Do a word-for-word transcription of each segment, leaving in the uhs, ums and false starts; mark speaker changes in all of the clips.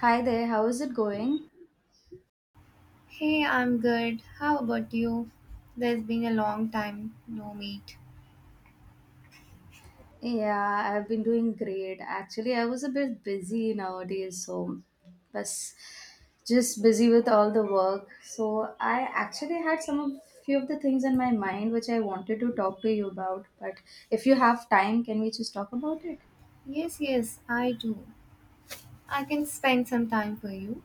Speaker 1: Hi there, how is it going?
Speaker 2: Hey, I'm good. How about you? There's been a long time no meet.
Speaker 1: Yeah, I've been doing great. Actually, I was a bit busy nowadays, so was just busy with all the work. So I actually had some of few of the things in my mind which I wanted to talk to you about. But if you have time, can we just talk about it?
Speaker 2: Yes, yes, I do. I can spend some time for you.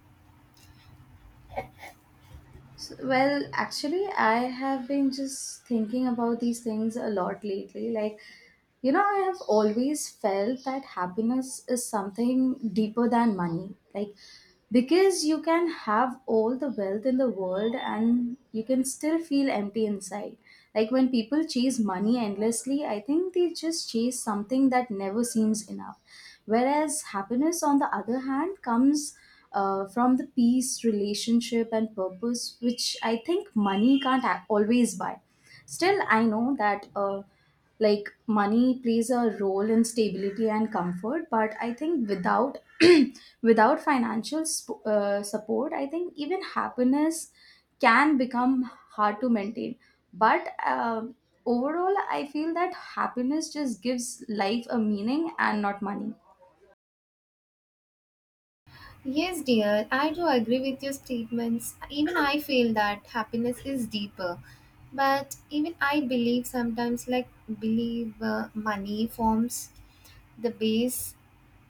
Speaker 1: S well, actually, I have been just thinking about these things a lot lately. Like, you know, I have always felt that happiness is something deeper than money. Like, because you can have all the wealth in the world and you can still feel empty inside. Like, when people chase money endlessly, I think they just chase something that never seems enough. Whereas happiness, on the other hand, comes uh, from the peace, relationship, and purpose, which I think money can't a- always buy. Still, I know that uh, like money plays a role in stability and comfort, but I think without without financial sp- uh, support, I think even happiness can become hard to maintain. But um Overall, I feel that happiness just gives life a meaning and not money.
Speaker 2: Yes, dear, I do agree with your statements. Even I feel that happiness is deeper. But even I believe sometimes, like, believe uh, money forms the base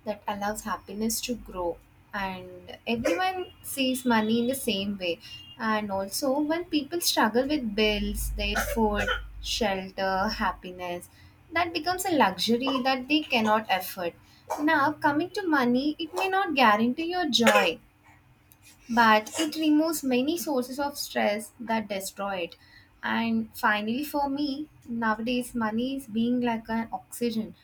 Speaker 2: that allows happiness to grow, and everyone sees money in the same way, and also when people struggle with bills, their food, shelter, happiness, that becomes a luxury that they cannot afford. Now coming to money, it may not guarantee your joy, but it removes many sources of stress that destroy it. And finally, for me, nowadays money is being like an oxygen.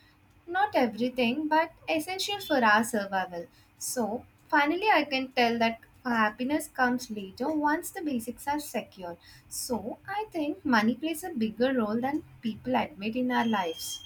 Speaker 2: Not everything, but essential for our survival. So, finally, I can tell that happiness comes later once the basics are secured. So, I think money plays a bigger role than people admit in our lives.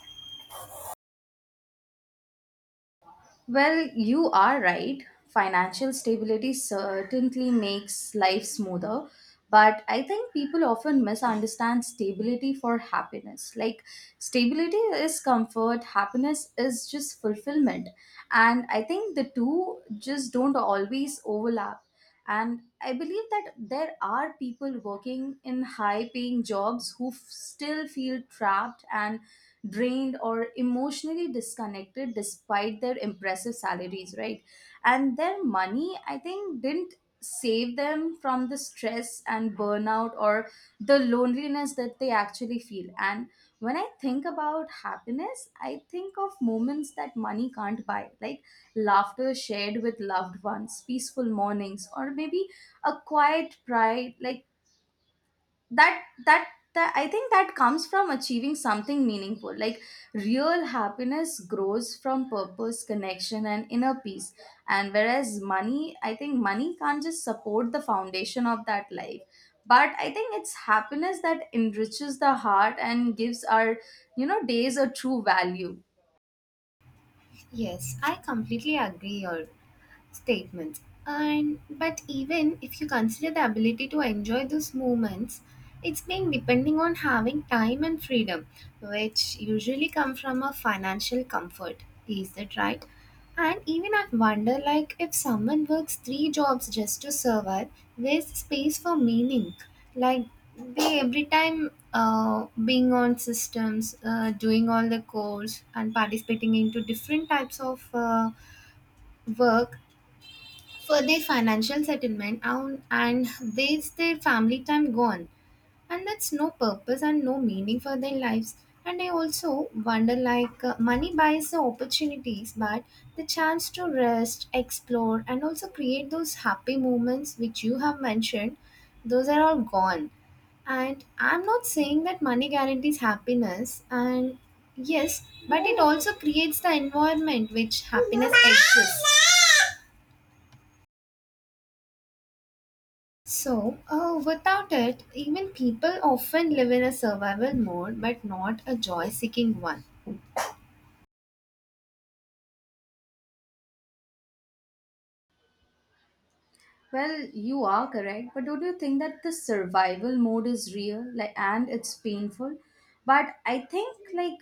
Speaker 1: Well, you are right. Financial stability certainly makes life smoother, but I think people often misunderstand stability for happiness. Like, stability is comfort, happiness is just fulfillment. And I think the two just don't always overlap. And I believe that there are people working in high paying jobs who f- still feel trapped and drained or emotionally disconnected despite their impressive salaries, right? And their money, I think, didn't save them from the stress and burnout or the loneliness that they actually feel. And when I think about happiness, I think of moments that money can't buy, like laughter shared with loved ones, peaceful mornings, or maybe a quiet pride, like that that that I think that comes from achieving something meaningful. Like real happiness grows from purpose, connection, and inner peace. And whereas money, I think money can't just support the foundation of that life, but I think it's happiness that enriches the heart and gives our, you know days a true value.
Speaker 2: Yes, I completely agree. Here. Statements. And but even if you consider the ability to enjoy those moments, it's being depending on having time and freedom, which usually come from a financial comfort. Is that right? And even I wonder, like, if someone works three jobs just to survive, where's the space for meaning? Like, they every time uh, being on systems, uh, doing all the course and participating into different types of uh, work for their financial settlement, and, and there's their family time gone, and that's no purpose and no meaning for their lives. And I also wonder, like, uh, money buys the opportunities, but the chance to rest, explore, and also create those happy moments which you have mentioned, those are all gone. And I'm not saying that money guarantees happiness, and yes, but it also creates the environment which happiness exists. So, uh, without it, even people often live in a survival mode but not a joy seeking one.
Speaker 1: Well, you are correct, but don't you think that the survival mode is real, like, and it's painful? But I think, like,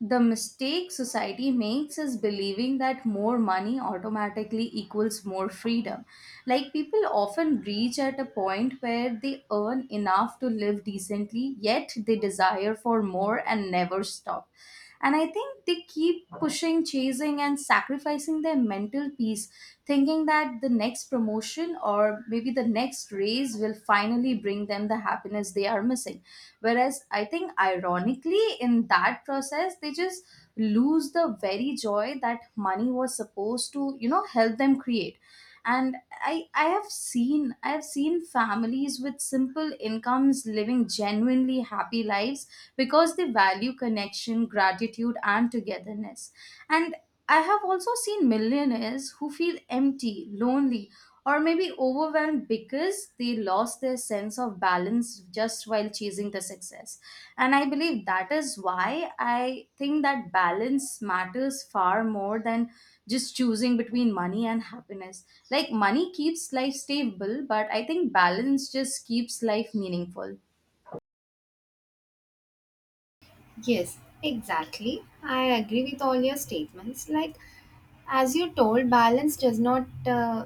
Speaker 1: the mistake society makes is believing that more money automatically equals more freedom. Like, people often reach at a point where they earn enough to live decently, yet they desire for more and never stop, and I think they keep pushing, chasing, and sacrificing their mental peace, thinking that the next promotion or maybe the next raise will finally bring them the happiness they are missing. Whereas I think, ironically, in that process, they just lose the very joy that money was supposed to, you know, help them create. And i i have seen I have seen families with simple incomes living genuinely happy lives because they value connection, gratitude, and togetherness. And I have also seen millionaires who feel empty, lonely, or maybe overwhelmed because they lost their sense of balance just while chasing the success. And I believe that is why I think that balance matters far more than just choosing between money and happiness. Like money keeps life stable, but I think balance just keeps life meaningful.
Speaker 2: Yes, exactly. I agree with all your statements. Like, as you told, balance does not uh,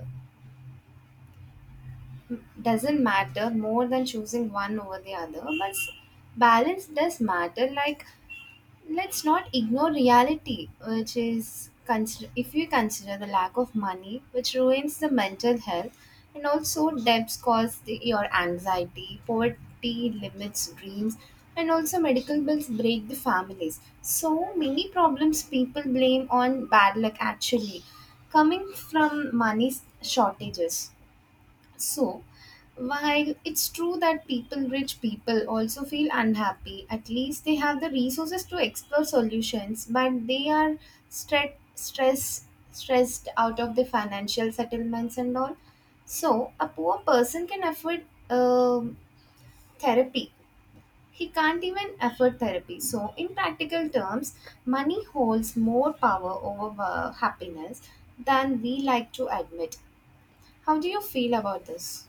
Speaker 2: doesn't matter more than choosing one over the other, but s- balance does matter. Like, let's not ignore reality, which is consider if we consider the lack of money, which ruins the mental health, and also debts cause the, your anxiety, poverty limits dreams, and also medical bills break the families. So many problems people blame on bad luck actually, coming from money shortages. So, while it's true that people, rich people, also feel unhappy, at least they have the resources to explore solutions, but they are stre- stress, stressed out of the financial settlements and all. So, a poor person can afford um therapy. He can't even afford therapy. So, in practical terms, money holds more power over uh, happiness than we like to admit. How do you feel about this?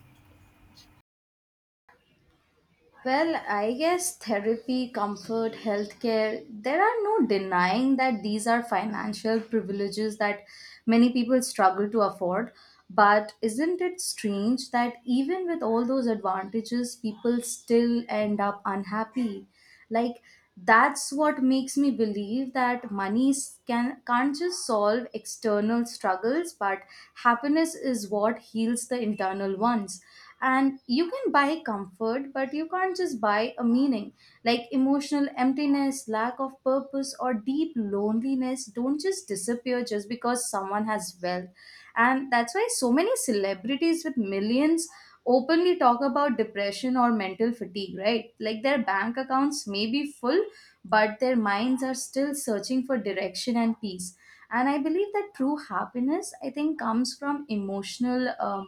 Speaker 1: Well, I guess therapy, comfort, healthcare, there are no denying that these are financial privileges that many people struggle to afford. But isn't it strange that even with all those advantages, people still end up unhappy? Like, that's what makes me believe that money can, can't just solve external struggles, but happiness is what heals the internal ones. And you can buy comfort, but you can't just buy a meaning. Like emotional emptiness, lack of purpose, or deep loneliness don't just disappear just because someone has wealth. And that's why so many celebrities with millions openly talk about depression or mental fatigue, right? Like their bank accounts may be full, but their minds are still searching for direction and peace. And I believe that true happiness, I think, comes from emotional um,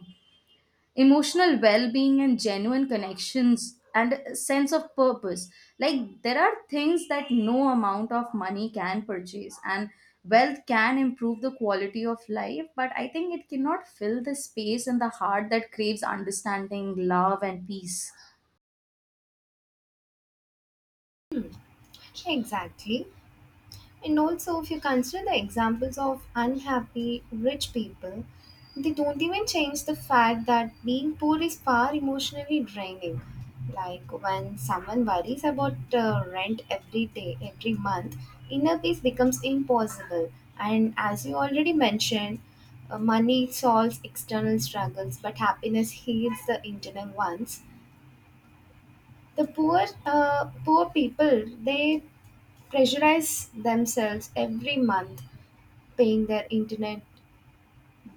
Speaker 1: emotional well-being and genuine connections and a sense of purpose. Like there are things that no amount of money can purchase, and wealth can improve the quality of life, but I think it cannot fill the space in the heart that craves understanding, love, and peace.
Speaker 2: Exactly. And also, if you consider the examples of unhappy rich people, they don't even change the fact that being poor is far emotionally draining. Like, when someone worries about uh, rent every day, every month, inner peace becomes impossible. And as you already mentioned, uh, money solves external struggles, but happiness heals the internal ones. The poor, uh, poor people, they pressurize themselves every month, paying their internet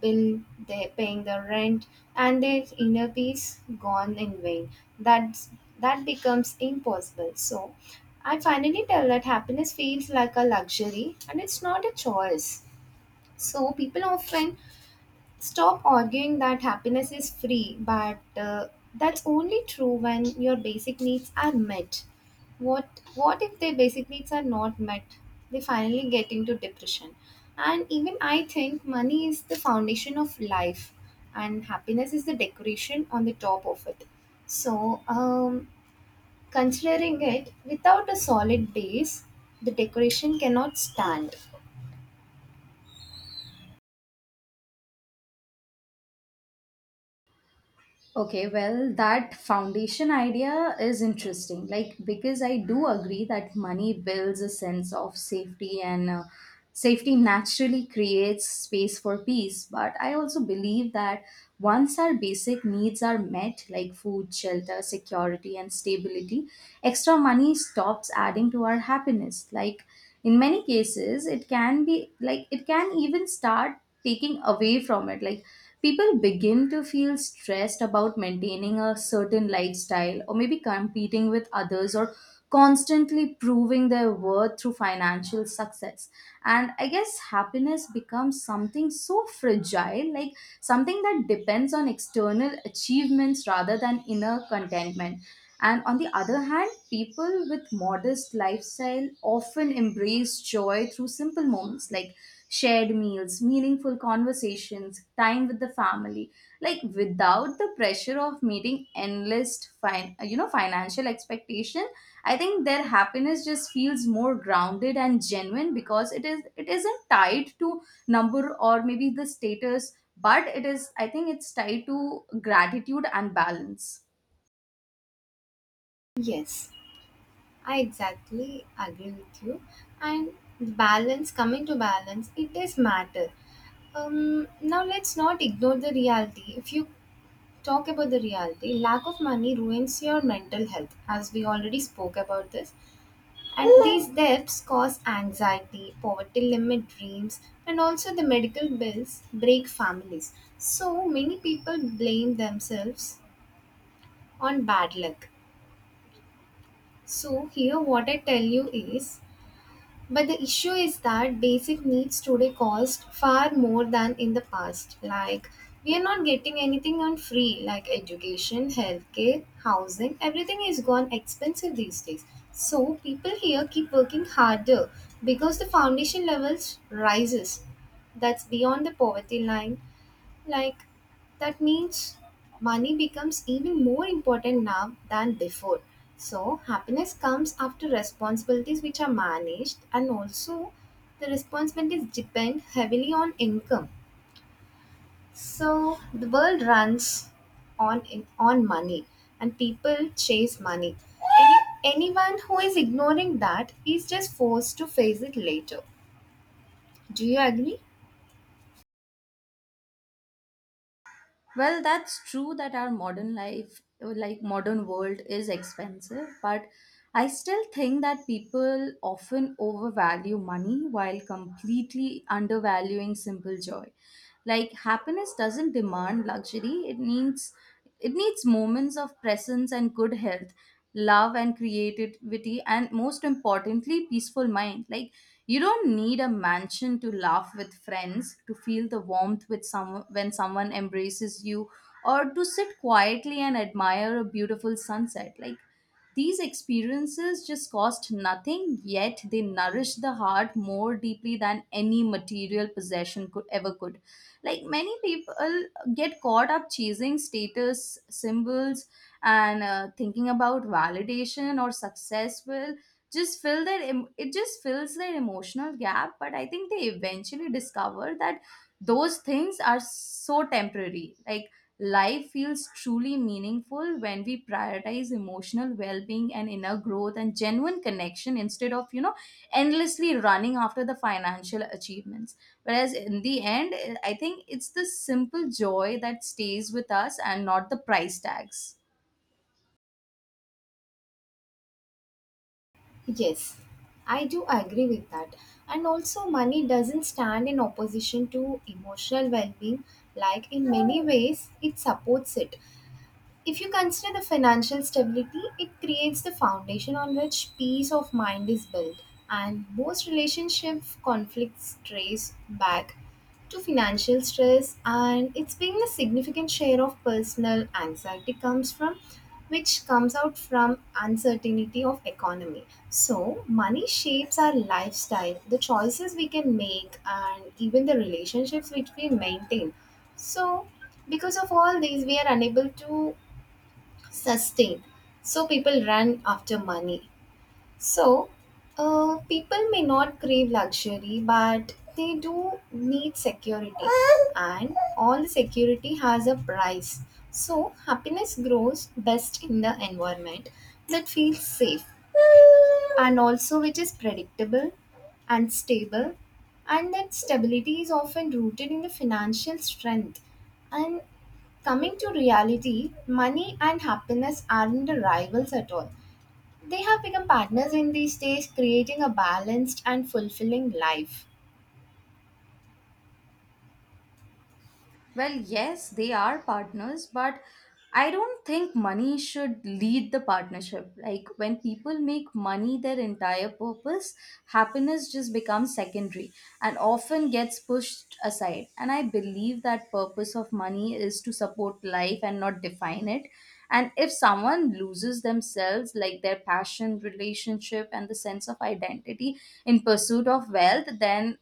Speaker 2: bill, they paying their rent, and their inner peace gone in vain. That's that becomes impossible. So I finally tell that happiness feels like a luxury and it's not a choice. So people often stop arguing that happiness is free, but uh, that's only true when your basic needs are met. What what if their basic needs are not met? They finally get into depression. And even I think money is the foundation of life, and happiness is the decoration on the top of it. So, um, considering it without a solid base, the decoration cannot stand.
Speaker 1: Okay, well, that foundation idea is interesting. Like, because I do agree that money builds a sense of safety, and uh, safety naturally creates space for peace. But I also believe that once our basic needs are met, like food, shelter, security, and stability, extra money stops adding to our happiness. Like in many cases, it can be like it can even start taking away from it. Like people begin to feel stressed about maintaining a certain lifestyle or maybe competing with others or constantly proving their worth through financial success. And I guess happiness becomes something so fragile, like something that depends on external achievements rather than inner contentment. And on the other hand, people with modest lifestyle often embrace joy through simple moments, like shared meals, meaningful conversations, time with the family, like without the pressure of meeting endless fin- you know financial expectations. I think their happiness just feels more grounded and genuine because it is it isn't tied to number or maybe the status, but it is I think it's tied to gratitude and balance.
Speaker 2: Yes. I exactly agree with you. And balance, coming to balance, it does matter. Um, now let's not ignore the reality. If you talk about the reality, lack of money ruins your mental health, as we already spoke about this. And these debts cause anxiety, poverty limit dreams, and also the medical bills break families. So many people blame themselves on bad luck. So here what I tell you is, but the issue is that basic needs today cost far more than in the past. Like, we are not getting anything on free, like education, healthcare, housing, everything is gone expensive these days. So, people here keep working harder because the foundation levels rises. That's beyond the poverty line. Like, that means money becomes even more important now than before. So, happiness comes after responsibilities which are managed, and also the responsibilities depend heavily on income. So, the world runs on on money, and people chase money. Any, anyone who is ignoring that is just forced to face it later. Do you agree?
Speaker 1: Well, that's true that our modern life, like modern world, is expensive, but I still think that people often overvalue money while completely undervaluing simple joy. Like happiness doesn't demand luxury; it needs it needs moments of presence and good health, love and creativity, and most importantly, peaceful mind. Like you don't need a mansion to laugh with friends, to feel the warmth with some, when someone embraces you, or to sit quietly and admire a beautiful sunset. Like these experiences just cost nothing, yet they nourish the heart more deeply than any material possession could ever could. Like many people get caught up chasing status symbols and uh, thinking about validation or successful just fill their em- it just fills their emotional gap. But I think they eventually discover that those things are so temporary. Like life feels truly meaningful when we prioritize emotional well-being and inner growth and genuine connection instead of, you know, endlessly running after the financial achievements. Whereas in the end, I think it's the simple joy that stays with us and not the price tags.
Speaker 2: Yes, I do agree with that. And also, money doesn't stand in opposition to emotional well being, like, in many ways, it supports it. If you consider the financial stability, it creates the foundation on which peace of mind is built, and most relationship conflicts trace back to financial stress, and it's being a significant share of personal anxiety comes from, which comes out from uncertainty of economy. So money shapes our lifestyle, the choices we can make, and even the relationships which we maintain. So because of all these we are unable to sustained. So people ran after money. So, uh, people may not crave luxury, but they do need security, and all the security has a price. So, happiness grows best in the environment that feels safe and also which is predictable and stable, and that stability is often rooted in the financial strength. And coming to reality, money and happiness aren't the rivals at all. They have become partners in these days, creating a balanced and fulfilling life.
Speaker 1: Well, yes, they are partners, but I don't think money should lead the partnership. Like when people make money their entire purpose, happiness just becomes secondary and often gets pushed aside. And I believe that purpose of money is to support life and not define it. And if someone loses themselves, like their passion, relationship, and the sense of identity in pursuit of wealth, then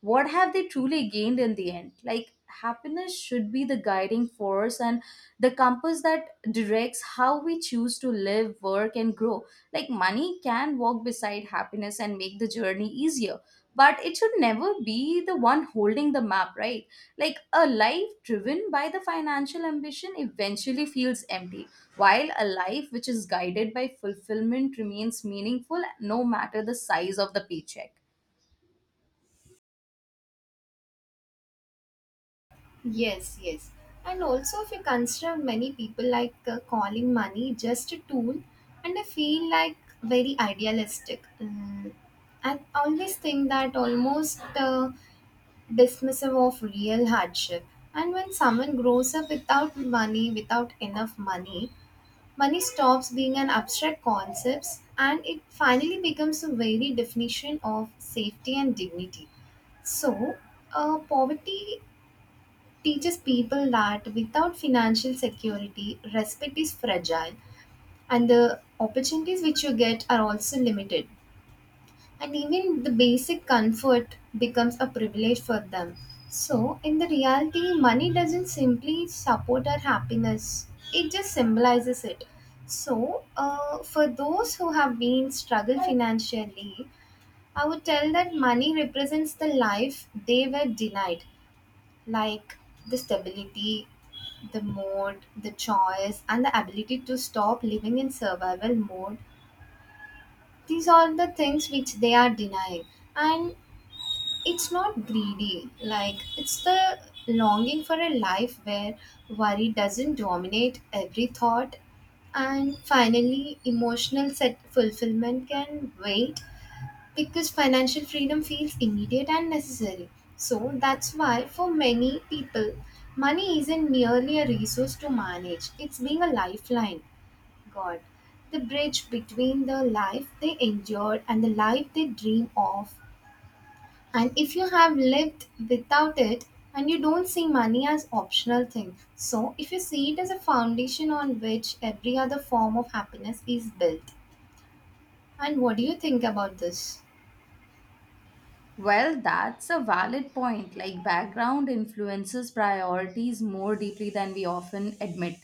Speaker 1: what have they truly gained in the end? Like, happiness should be the guiding force and the compass that directs how we choose to live, work, and grow. Like, money can walk beside happiness and make the journey easier, but it should never be the one holding the map, right? Like, a life driven by the financial ambition eventually feels empty, while a life which is guided by fulfillment remains meaningful no matter the size of the paycheck.
Speaker 2: Yes, yes. And also, if you consider many people like uh, calling money just a tool, and I feel like very idealistic. Mm. I always think that almost uh, dismissive of real hardship. And when someone grows up without money, without enough money, money stops being an abstract concept, and it finally becomes a very definition of safety and dignity. So, uh, poverty teaches people that without financial security, respect is fragile, and the opportunities which you get are also limited, and even the basic comfort becomes a privilege for them. So, in the reality, money doesn't simply support our happiness, it just symbolizes it. So, uh, for those who have been struggled financially, I would tell that money represents the life they were denied, like the stability, the mode, the choice, and the ability to stop living in survival mode. These are the things which they are denying. And it's not greedy, like it's the longing for a life where worry doesn't dominate every thought, and finally emotional set fulfillment can wait because financial freedom feels immediate and necessary. So that's why for many people, money isn't merely a resource to manage, it's being a lifeline, god, the bridge between the life they endured and the life they dream of. And if you have lived without it, and you don't see money as optional thing, so if you see it as a foundation on which every other form of happiness is built. And what do you think about this?
Speaker 1: Well, that's a valid point. Like, background influences priorities more deeply than we often admit.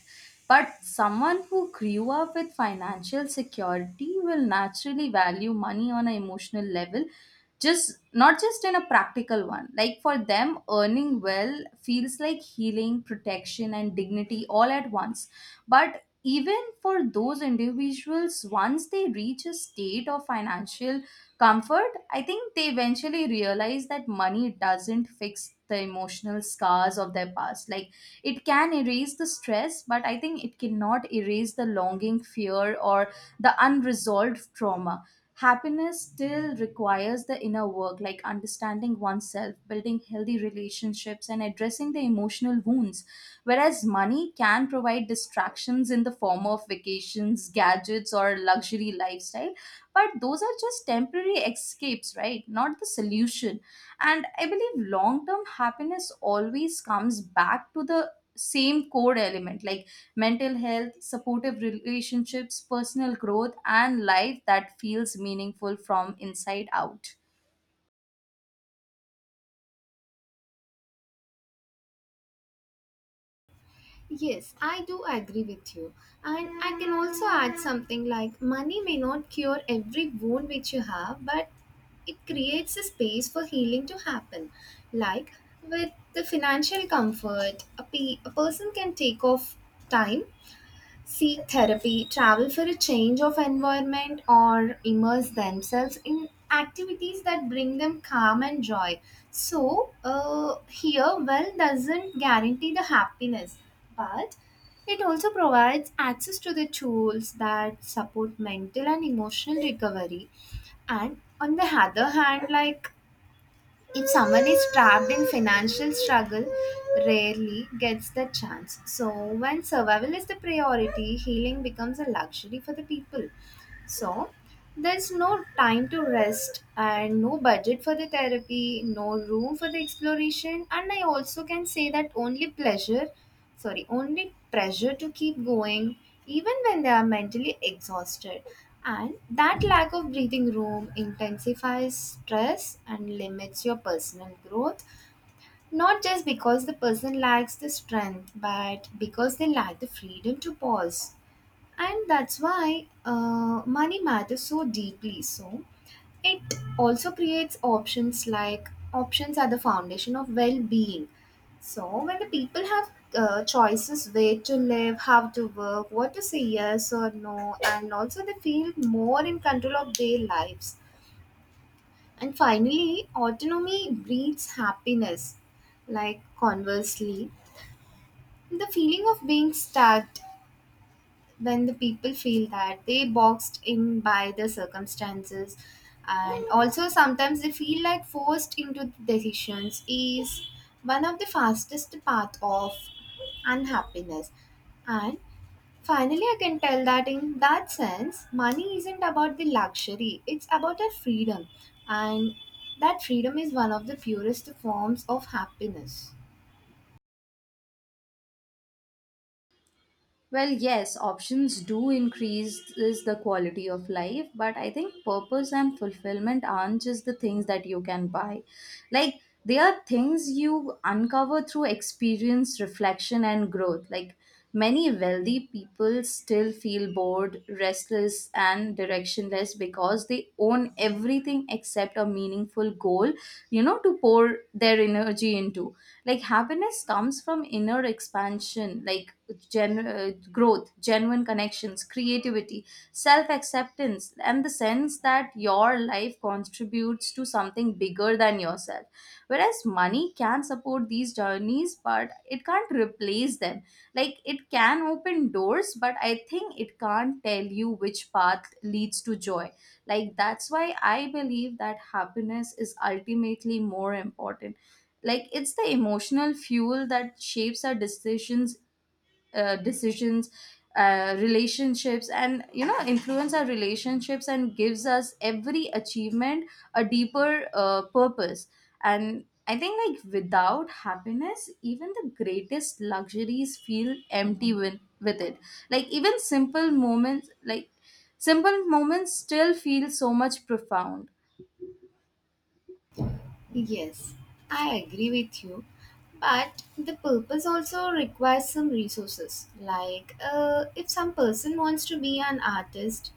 Speaker 1: But someone who grew up with financial security will naturally value money on an emotional level, just not just in a practical one. Like, for them, earning well feels like healing, protection, and dignity all at once. But even for those individuals, once they reach a state of financial comfort, I think they eventually realize that money doesn't fix the emotional scars of their past. Like it can erase the stress, but I think it cannot erase the longing, fear, or the unresolved trauma. Happiness still requires the inner work, like understanding oneself, building healthy relationships, and addressing the emotional wounds. Whereas money can provide distractions in the form of vacations, gadgets, or luxury lifestyle. But those are just temporary escapes, right? Not the solution. And I believe long term happiness always comes back to the same core element, like mental health, supportive relationships, personal growth, and life that feels meaningful from inside out.
Speaker 2: Yes, I do agree with you. And I can also add something like money may not cure every wound which you have, but it creates a space for healing to happen. Like, with the financial comfort, a, pe- a person can take off time, seek therapy, travel for a change of environment, or immerse themselves in activities that bring them calm and joy. So, uh, here, wealth doesn't guarantee the happiness, but it also provides access to the tools that support mental and emotional recovery. And on the other hand, like, if someone is trapped in financial struggle, rarely gets the chance. So, when survival is the priority, healing becomes a luxury for the people. So, there's no time to rest and no budget for the therapy, no room for the exploration, and I also can say that only pleasure, sorry, only pressure to keep going, even when they are mentally exhausted. And that lack of breathing room intensifies stress and limits your personal growth, not just because the person lacks the strength, but because they lack the freedom to pause. And that's why uh, money matters so deeply. So it also creates options, like options are the foundation of well being. So when the people have uh, choices where to live, how to work, what to say yes or no, and also they feel more in control of their lives. And finally, autonomy breeds happiness. Like conversely, the feeling of being stuck when the people feel that they boxed in by the circumstances and also sometimes they feel like forced into the decisions is one of the fastest path of unhappiness. And finally, I can tell that in that sense money isn't about the luxury, it's about a freedom. And that freedom is one of the purest forms of happiness.
Speaker 1: Well, yes, options do increase is the quality of life, but I think purpose and fulfillment aren't just the things that you can buy. Like they are things you uncover through experience, reflection, and growth. Like many wealthy people still feel bored, restless, and directionless because they own everything except a meaningful goal, you know, to pour their energy into. Like happiness comes from inner expansion, like gen- uh, growth, genuine connections, creativity, self acceptance, and the sense that your life contributes to something bigger than yourself. Whereas money can support these journeys, but it can't replace them. Like it can open doors, but I think it can't tell you which path leads to joy. Like that's why I believe that happiness is ultimately more important. Like it's the emotional fuel that shapes our decisions uh, decisions, uh, relationships, and, you know, influence our relationships and gives us every achievement a deeper uh, purpose. And I think, like, without happiness even the greatest luxuries feel empty. With, with it, like, even simple moments like simple moments still feel so much profound.
Speaker 2: Yes, I agree with you. But the purpose also requires some resources. Like, uh, if some person wants to be an artist,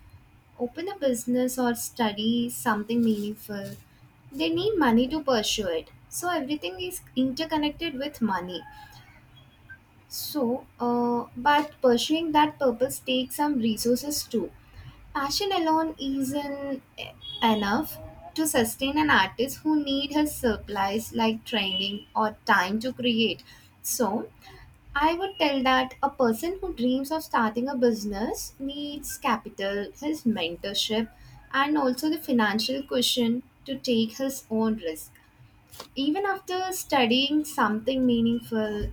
Speaker 2: open a business, or study something meaningful, they need money to pursue it. So, everything is interconnected with money. So, uh, but pursuing that purpose takes some resources too. Passion alone isn't enough to sustain an artist who need his supplies like training or time to create. So, I would tell that a person who dreams of starting a business needs capital, his mentorship, and also the financial cushion to take his own risk. Even after studying something meaningful,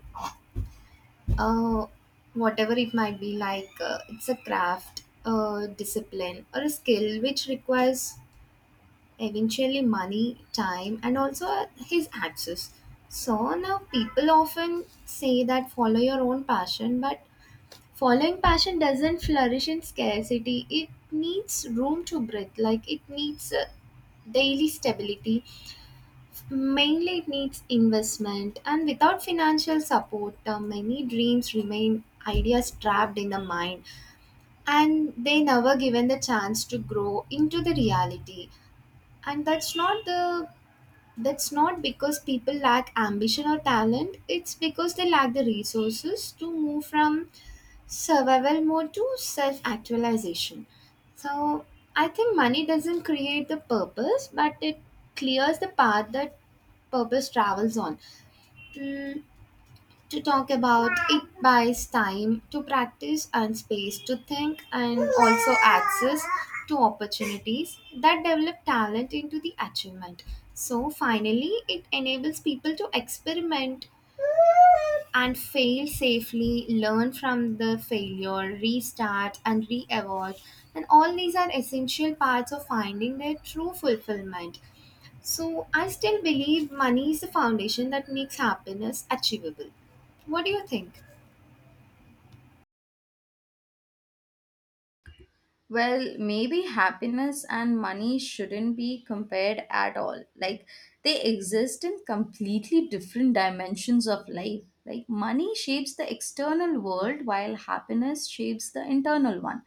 Speaker 2: uh, whatever it might be, like uh, it's a craft, a discipline, or a skill which requires eventually money, time, and also uh, his access. So now people often say that follow your own passion, but following passion doesn't flourish in scarcity. It needs room to breathe, like it needs uh, daily stability. Mainly, it needs investment, and without financial support, uh, many dreams remain ideas trapped in the mind and they never given the chance to grow into the reality. And that's not the that's not because people lack ambition or talent, it's because they lack the resources to move from survival mode to self actualization. So I think money doesn't create the purpose, but it clears the path that purpose travels on. Mm, to talk about it, buys time to practice and space to think and also access to opportunities that develop talent into the achievement. So finally, it enables people to experiment and fail safely, learn from the failure, restart and re evolve. And all these are essential parts of finding their true fulfillment. So, I still believe money is the foundation that makes happiness achievable. What do you think?
Speaker 1: Well, maybe happiness and money shouldn't be compared at all. Like, they exist in completely different dimensions of life. Like, money shapes the external world while happiness shapes the internal one.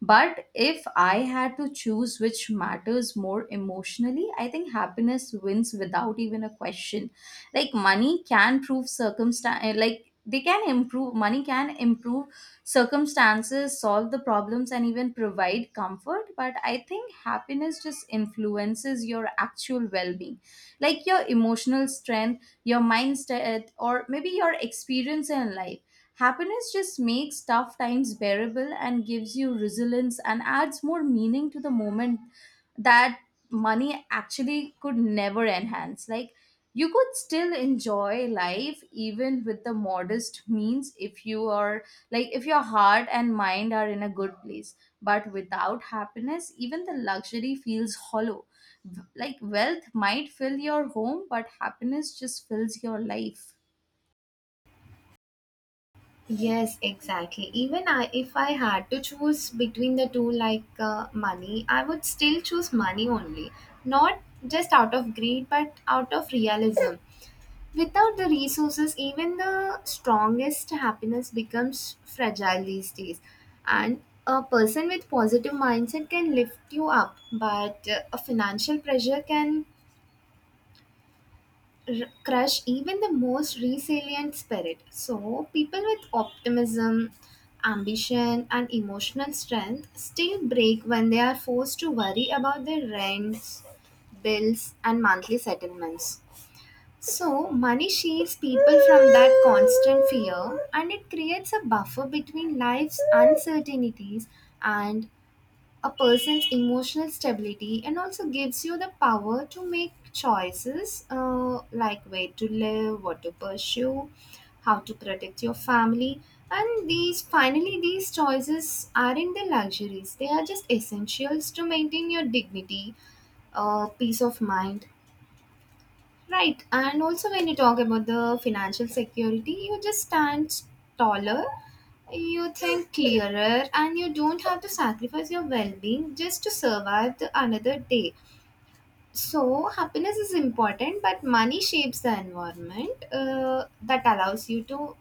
Speaker 1: But if I had to choose which matters more emotionally, I think happiness wins without even a question. Like money can prove circumstance, like they can improve, money can improve circumstances, solve the problems, and even provide comfort. But I think happiness just influences your actual well being, like your emotional strength, your mindset, or maybe your experience in life. Happiness just makes tough times bearable and gives you resilience and adds more meaning to the moment that money actually could never enhance. Like, you could still enjoy life even with the modest means if you are like if your heart and mind are in a good place. But without happiness even the luxury feels hollow. V- like wealth might fill your home, but happiness just fills your life.
Speaker 2: Yes, exactly. Even I, if I had to choose between the two, like uh, money, I would still choose money only. Not just out of greed, but out of realism. Without the resources, even the strongest happiness becomes fragile these days. And a person with positive mindset can lift you up, but uh, a financial pressure can r- crush even the most resilient spirit. So, people with optimism, ambition, and emotional strength still break when they are forced to worry about their rents, bills, and monthly settlements. So, money shields people from that constant fear and it creates a buffer between life's uncertainties and a person's emotional stability, and also gives you the power to make choices uh, like where to live, what to pursue, how to protect your family. And these finally, these choices aren't the luxuries, they are just essentials to maintain your dignity, uh, peace of mind. Right, and also when you talk about the financial security, you just stand taller, you think clearer, and you don't have to sacrifice your well being just to survive the another day. So, happiness is important, but money shapes the environment uh, that allows you to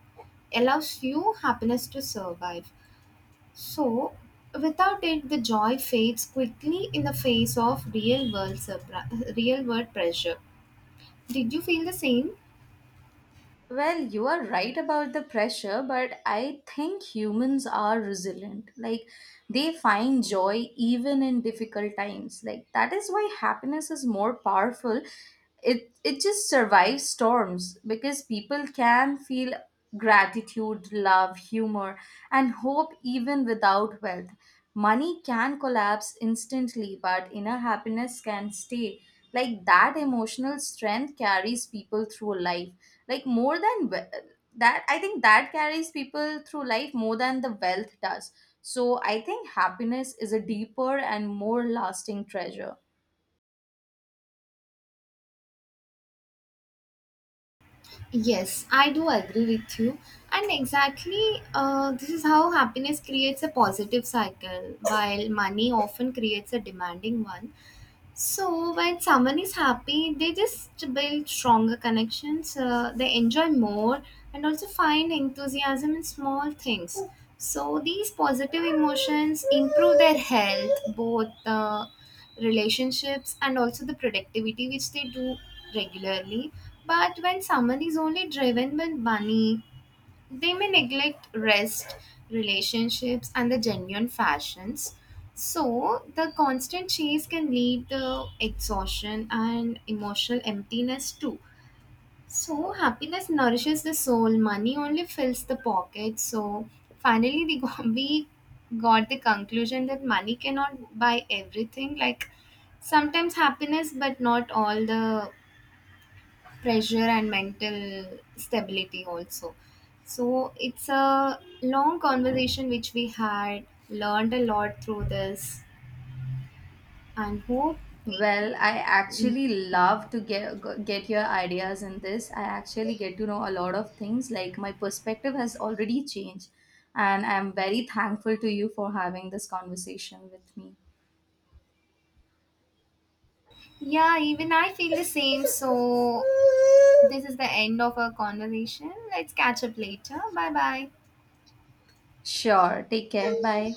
Speaker 2: allows you happiness to survive. So, without it, the joy fades quickly in the face of real world surpri- real world pressure. Did you feel the same?
Speaker 1: Well, you are right about the pressure, but I think humans are resilient. Like, they find joy even in difficult times. Like, that is why happiness is more powerful. It, it just survives storms because people can feel gratitude, love, humor, and hope even without wealth. Money can collapse instantly, but inner happiness can stay. Like that emotional strength carries people through life, like more than we- that I think that carries people through life more than the wealth does. So I think happiness is a deeper and more lasting treasure.
Speaker 2: Yes, I do agree with you. And exactly, uh, this is how happiness creates a positive cycle, while money often creates a demanding one. So when someone is happy, they just build stronger connections. Uh, they enjoy more and also find enthusiasm in small things. So these positive emotions improve their health, both uh, relationships and also the productivity, which they do regularly. But when someone is only driven by money, they may neglect rest, relationships, and the genuine fashions. So, the constant chase can lead to exhaustion and emotional emptiness too. So, happiness nourishes the soul, money only fills the pocket. So, finally, we got, we got the conclusion that money cannot buy everything. Like, sometimes happiness, but not all the pressure and mental stability also. So it's a long conversation which we had learned a lot through this, and hope we.
Speaker 1: Well, I actually, love to get get your ideas in this. I actually get to know a lot of things. Like my perspective has already changed, and I'm very thankful to you for having this conversation with me.
Speaker 2: Yeah, even I feel the same. So this is the end of our conversation. Let's catch up later. Bye bye.
Speaker 1: Sure, take care, bye.